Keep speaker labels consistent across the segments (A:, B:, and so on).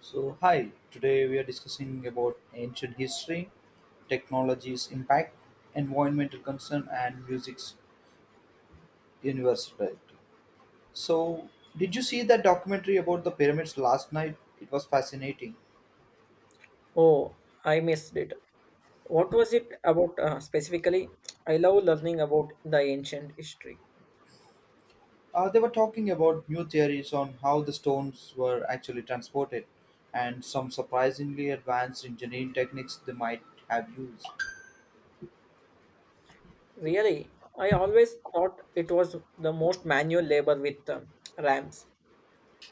A: So, hi, today we are discussing about ancient history, technology's impact, environmental concern, and music's universality. So, did you see that documentary about the pyramids last night? It was fascinating.
B: Oh, I missed it. What was it about specifically? I love learning about the ancient history.
A: They were talking about new theories on how the stones were actually transported and some surprisingly advanced engineering techniques they might have used.
B: Really, I always thought it was the most manual labor with ramps.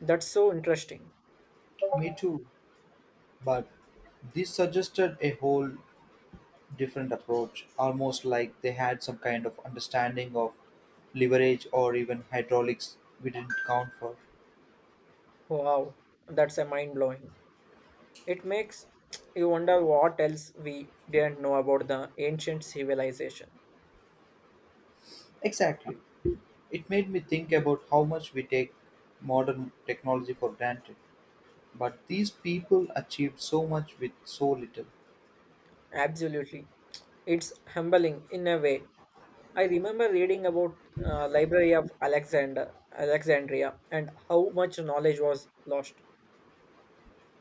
B: That's so interesting.
A: Me too, but this suggested a whole different approach, almost like they had some kind of understanding of leverage or even hydraulics we didn't count for.
B: Wow, that's a mind blowing. It makes you wonder what else we didn't know about the ancient civilization.
A: Exactly. It made me think about how much we take modern technology for granted. But these people achieved so much with so little.
B: Absolutely. It's humbling in a way. I remember reading about Library of Alexander Alexandria and how much knowledge was lost.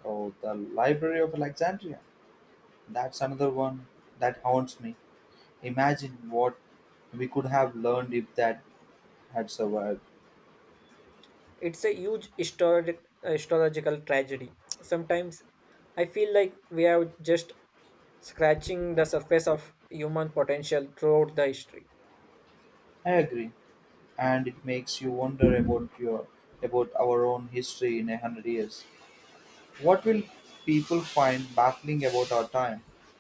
A: Oh, the Library of Alexandria. That's another one that haunts me. Imagine what we could have learned if that had survived.
B: It's a huge historical tragedy. Sometimes I feel like we are just scratching the surface of human potential throughout the history.
A: I agree. And it makes you wonder about our own history in 100 years. What will people find baffling about our time?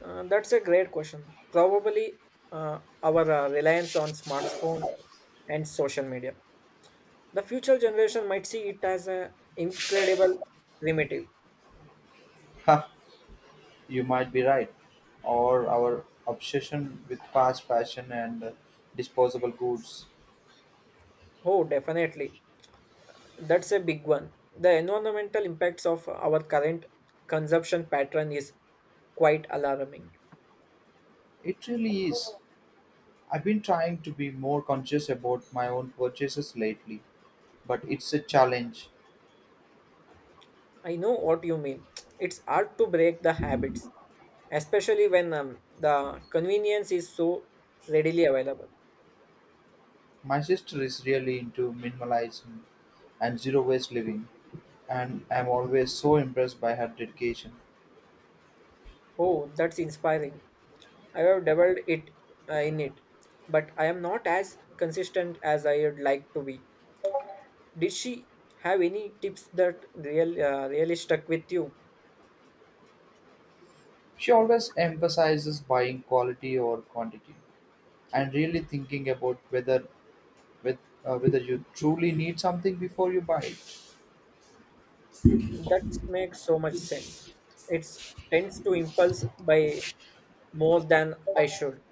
B: That's a great question. Probably our reliance on smartphone and social media. The future generation might see it as an incredible primitive.
A: Ha, you might be right. Or our obsession with fast fashion and disposable goods.
B: Oh, definitely. That's a big one. The environmental impacts of our current consumption pattern is quite alarming.
A: It really is. I've been trying to be more conscious about my own purchases lately, but it's a challenge.
B: I know what you mean. It's hard to break the habits, especially when the convenience is so readily available.
A: My sister is really into minimalism and zero waste living, and I'm always so impressed by her dedication.
B: Oh, that's inspiring. I have dabbled it in it, but I am not as consistent as I would like to be. Did she have any tips that really stuck with you?
A: She always emphasizes buying quality over quantity and really thinking about with whether you truly need something before you buy it.
B: That makes so much sense. It tends to impulse by more than I should.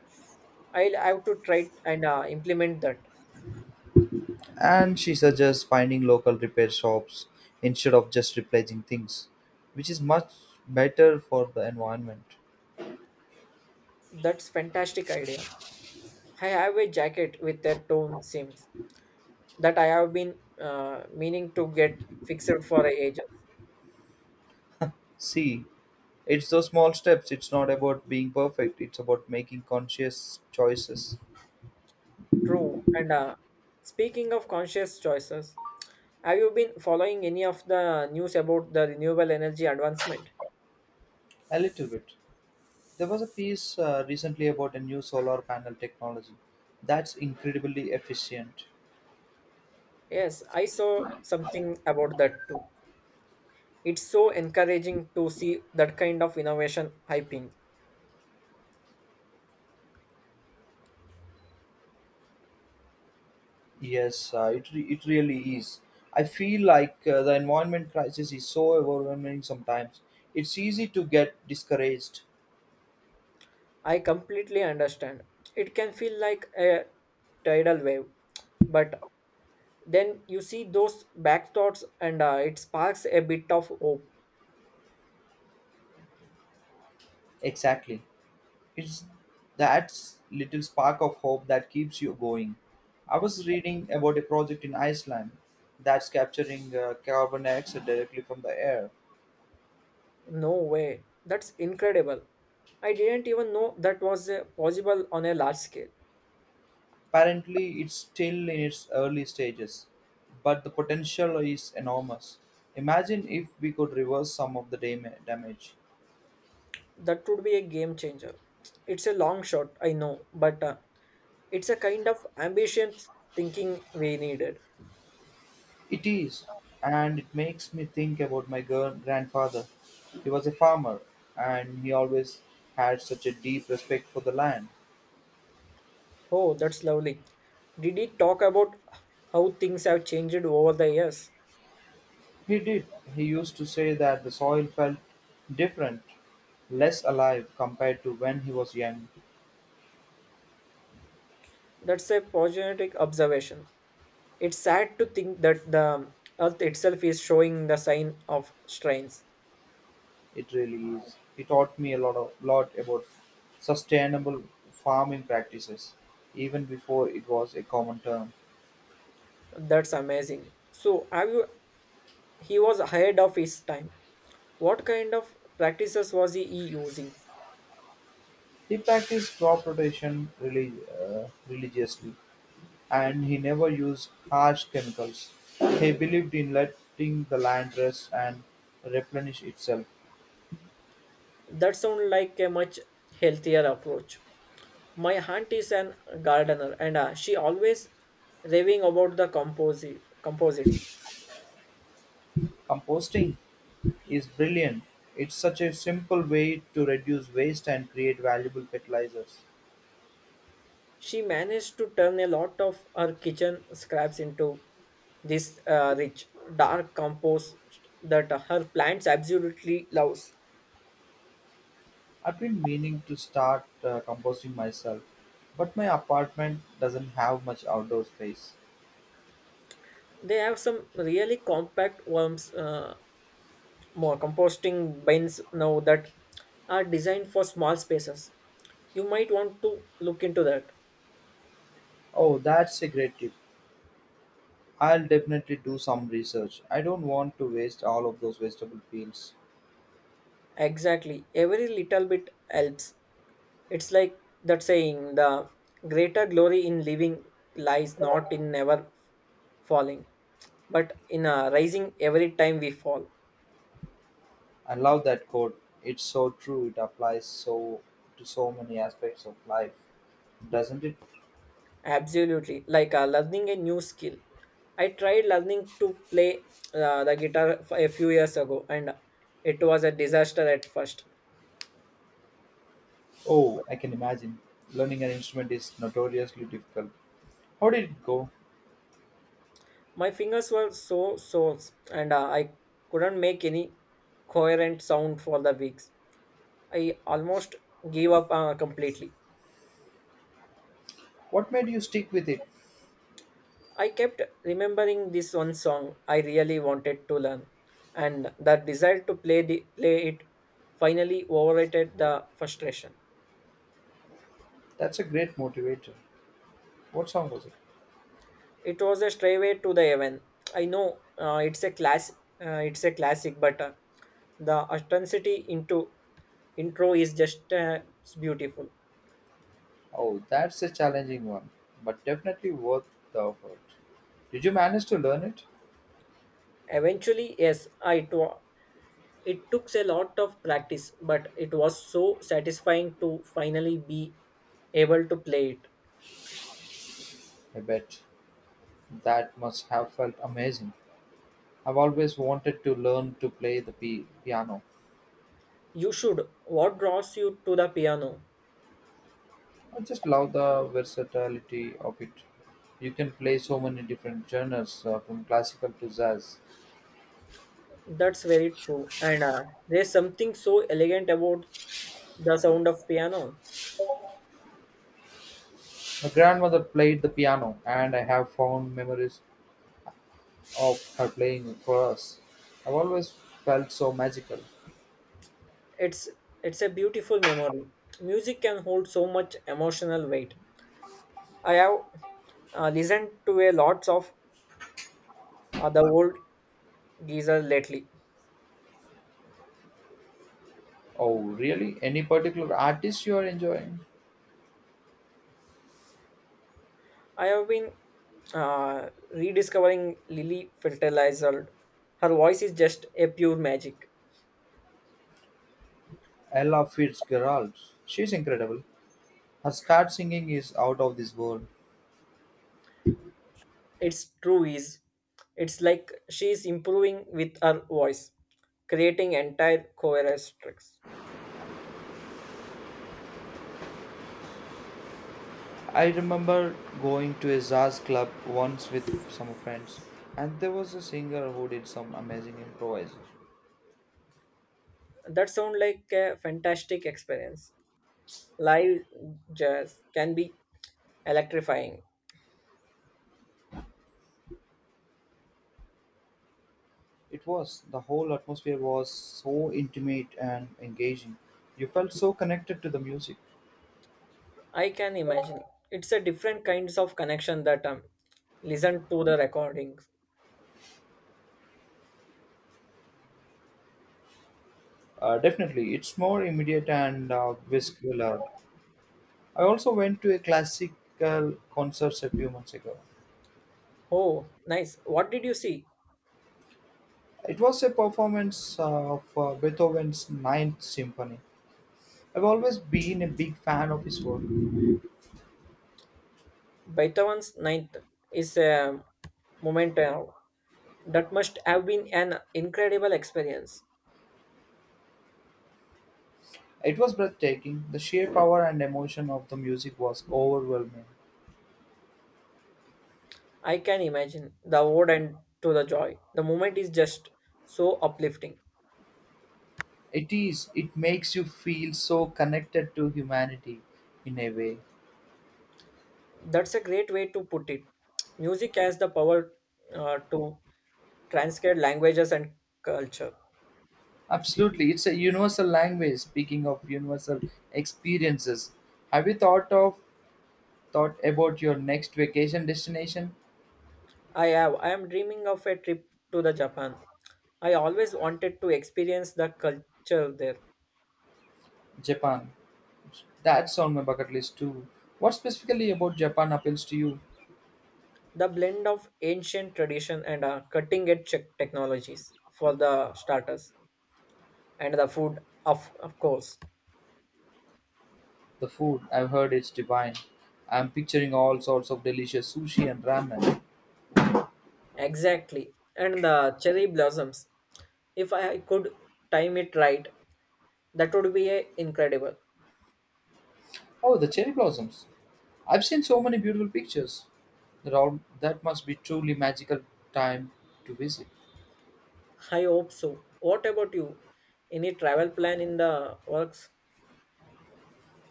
B: I'll have to try and implement that.
A: And she suggests finding local repair shops instead of just replacing things, which is much better for the environment.
B: That's fantastic idea. I have a jacket with a torn seams that I have been meaning to get fixed for ages.
A: See, it's those small steps. It's not about being perfect. It's about making conscious choices.
B: True. And speaking of conscious choices, have you been following any of the news about the renewable energy advancement?
A: A little bit. There was a piece recently about a new solar panel technology that's incredibly efficient.
B: Yes, I saw something about that too. It's so encouraging to see that kind of innovation hyping.
A: Yes, it really is. I feel like the environment crisis is so overwhelming sometimes. It's easy to get discouraged.
B: I completely understand. It can feel like a tidal wave, but then you see those back thoughts and it sparks a bit of hope.
A: Exactly. It's that little spark of hope that keeps you going. I was reading about a project in Iceland that's capturing carbon dioxide directly from the air.
B: No way. That's incredible. I didn't even know that was possible on a large scale.
A: Apparently, it's still in its early stages, but the potential is enormous. Imagine if we could reverse some of the damage.
B: That would be a game changer. It's a long shot, I know, but it's a kind of ambitious thinking we needed.
A: It is, and it makes me think about my grandfather. He was a farmer, and he always had such a deep respect for the land.
B: Oh, that's lovely. Did he talk about how things have changed over the years?
A: He did. He used to say that the soil felt different, less alive compared to when he was young.
B: That's a positive observation. It's sad to think that the earth itself is showing the sign of strains.
A: It really is. He taught me a lot about sustainable farming practices, even before it was a common term.
B: That's amazing. He was ahead of his time. What kind of practices was he using?
A: He practiced crop rotation really, religiously. And he never used harsh chemicals. He believed in letting the land rest and replenish itself.
B: That sounds like a much healthier approach. My aunt is an gardener and she always raving about the compositing.
A: Composting is brilliant. It's such a simple way to reduce waste and create valuable fertilizers.
B: She managed to turn a lot of her kitchen scraps into this rich, dark compost that her plants absolutely loves.
A: I've been meaning to start composting myself, but my apartment doesn't have much outdoor space.
B: They have some really compact more composting bins now that are designed for small spaces. You might want to look into that.
A: Oh, that's a great tip. I'll definitely do some research. I don't want to waste all of those vegetable peels.
B: Exactly. Every little bit helps. It's like that saying the greater glory in living lies not in never falling, but in rising every time we fall.
A: I love that quote. It's so true. It applies to so many aspects of life, doesn't it?
B: Absolutely. Like learning a new skill. I tried learning to play the a few years ago and it was a disaster at first.
A: Oh, I can imagine. Learning an instrument is notoriously difficult. How did it go?
B: My fingers were so sore and I couldn't make any coherent sound for the weeks. I almost gave up completely.
A: What made you stick with it?
B: I kept remembering this one song I really wanted to learn, and the desire to play it finally overrated the frustration.
A: That's a great motivator. What song was it?
B: It was a straightway to the heaven. I know it's a classic, but the authenticity into intro is just it's beautiful.
A: Oh, that's a challenging one, but definitely worth the effort. Did you manage to learn it?
B: Eventually, yes, it took a lot of practice, but it was so satisfying to finally be able to play it.
A: I bet. That must have felt amazing. I've always wanted to learn to play the piano.
B: You should. What draws you to the piano?
A: I just love the versatility of it. You can play so many different genres, from classical to jazz.
B: That's very true. And there's something so elegant about the sound of piano.
A: My grandmother played the piano, and I have found memories of her playing it for us. I've always felt so magical.
B: It's it's a beautiful memory. Music can hold so much emotional weight. I have listened to a lots of the old geezer lately,
A: Oh, really? Any particular artist you are enjoying?
B: I have been uh, rediscovering Lily Fertilizer. Her voice is just a pure magic.
A: Ella Fitzgerald. She's incredible. Her scat singing is out of this world.
B: It's true is. It's like she is improving with her voice, creating entire chorus tracks.
A: I remember going to a jazz club once with some friends, and there was a singer who did some amazing improvise.
B: That sound like a fantastic experience. Live jazz can be electrifying.
A: It was the whole atmosphere was so intimate and engaging. You felt so connected to the music.
B: I can imagine. It's a different kinds of connection that listen to the recordings.
A: Definitely, it's more immediate and visceral. I also went to a classical concert a few months ago.
B: Oh, nice. What did you see?
A: It was a performance of Beethoven's Ninth Symphony. I've always been a big fan of his work.
B: Beethoven's Ninth is a memento that must have been an incredible experience.
A: It was breathtaking. The sheer power and emotion of the music was overwhelming.
B: I can imagine the ode and to the joy. The moment is just so uplifting.
A: It is, it makes you feel so connected to humanity in a way.
B: That's a great way to put it. Music has the power to transcend languages and culture.
A: Absolutely. It's a universal language. Speaking of universal experiences, have you thought about your next vacation destination?
B: I have. I am dreaming of a trip to the Japan. I always wanted to experience the culture there.
A: Japan. That's on my bucket list too. What specifically about Japan appeals to you?
B: The blend of ancient tradition and cutting edge technologies for the starters and the food of course.
A: The food. I've heard it's divine. I'm picturing all sorts of delicious sushi and ramen.
B: Exactly, and the cherry blossoms, if I could time it right, that would be a incredible.
A: Oh, the cherry blossoms. I've seen so many beautiful pictures. Around that must be truly magical time to visit.
B: I hope so. What about you? Any travel plan in the works?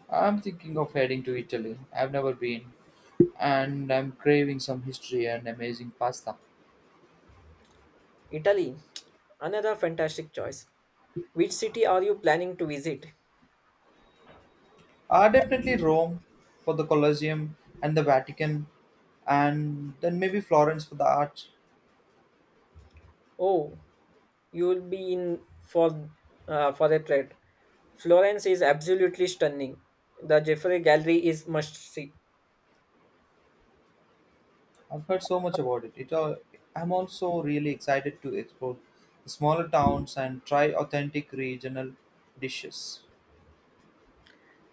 A: I'm thinking of heading to Italy. I've never been, and I'm craving some history and amazing pasta.
B: Italy, another fantastic choice. Which city are you planning to visit?
A: Definitely Rome for the Colosseum and the Vatican, and then maybe Florence for the art.
B: Oh, you'll be in for for a treat. Florence is absolutely stunning. The Jeffrey Gallery is must see.
A: I've heard so much about it. I'm also really excited to explore the smaller towns and try authentic regional dishes.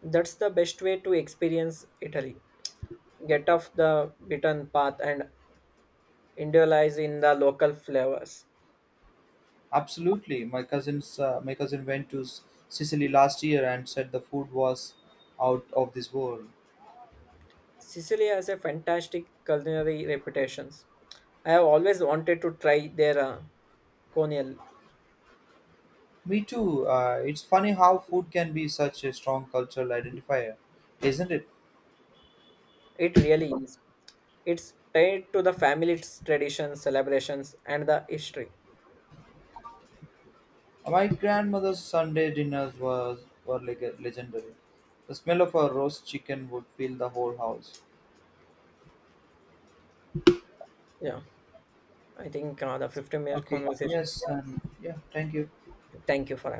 B: That's the best way to experience Italy. Get off the beaten path and indulge in the local flavors.
A: Absolutely, my cousin went to Sicily last year and said the food was out of this world.
B: Sicily has a fantastic culinary reputation. I have always wanted to try their conial.
A: Me too. It's funny how food can be such a strong cultural identifier, isn't it?
B: It really is. It's tied to the family traditions, celebrations, and the history.
A: My grandmother's Sunday dinners was were legendary. The smell of a roast chicken would fill the whole house.
B: Yeah, I think the 15-minute
A: Okay.
B: conversation.
A: Yes, and yeah. Thank you.
B: Thank you for having.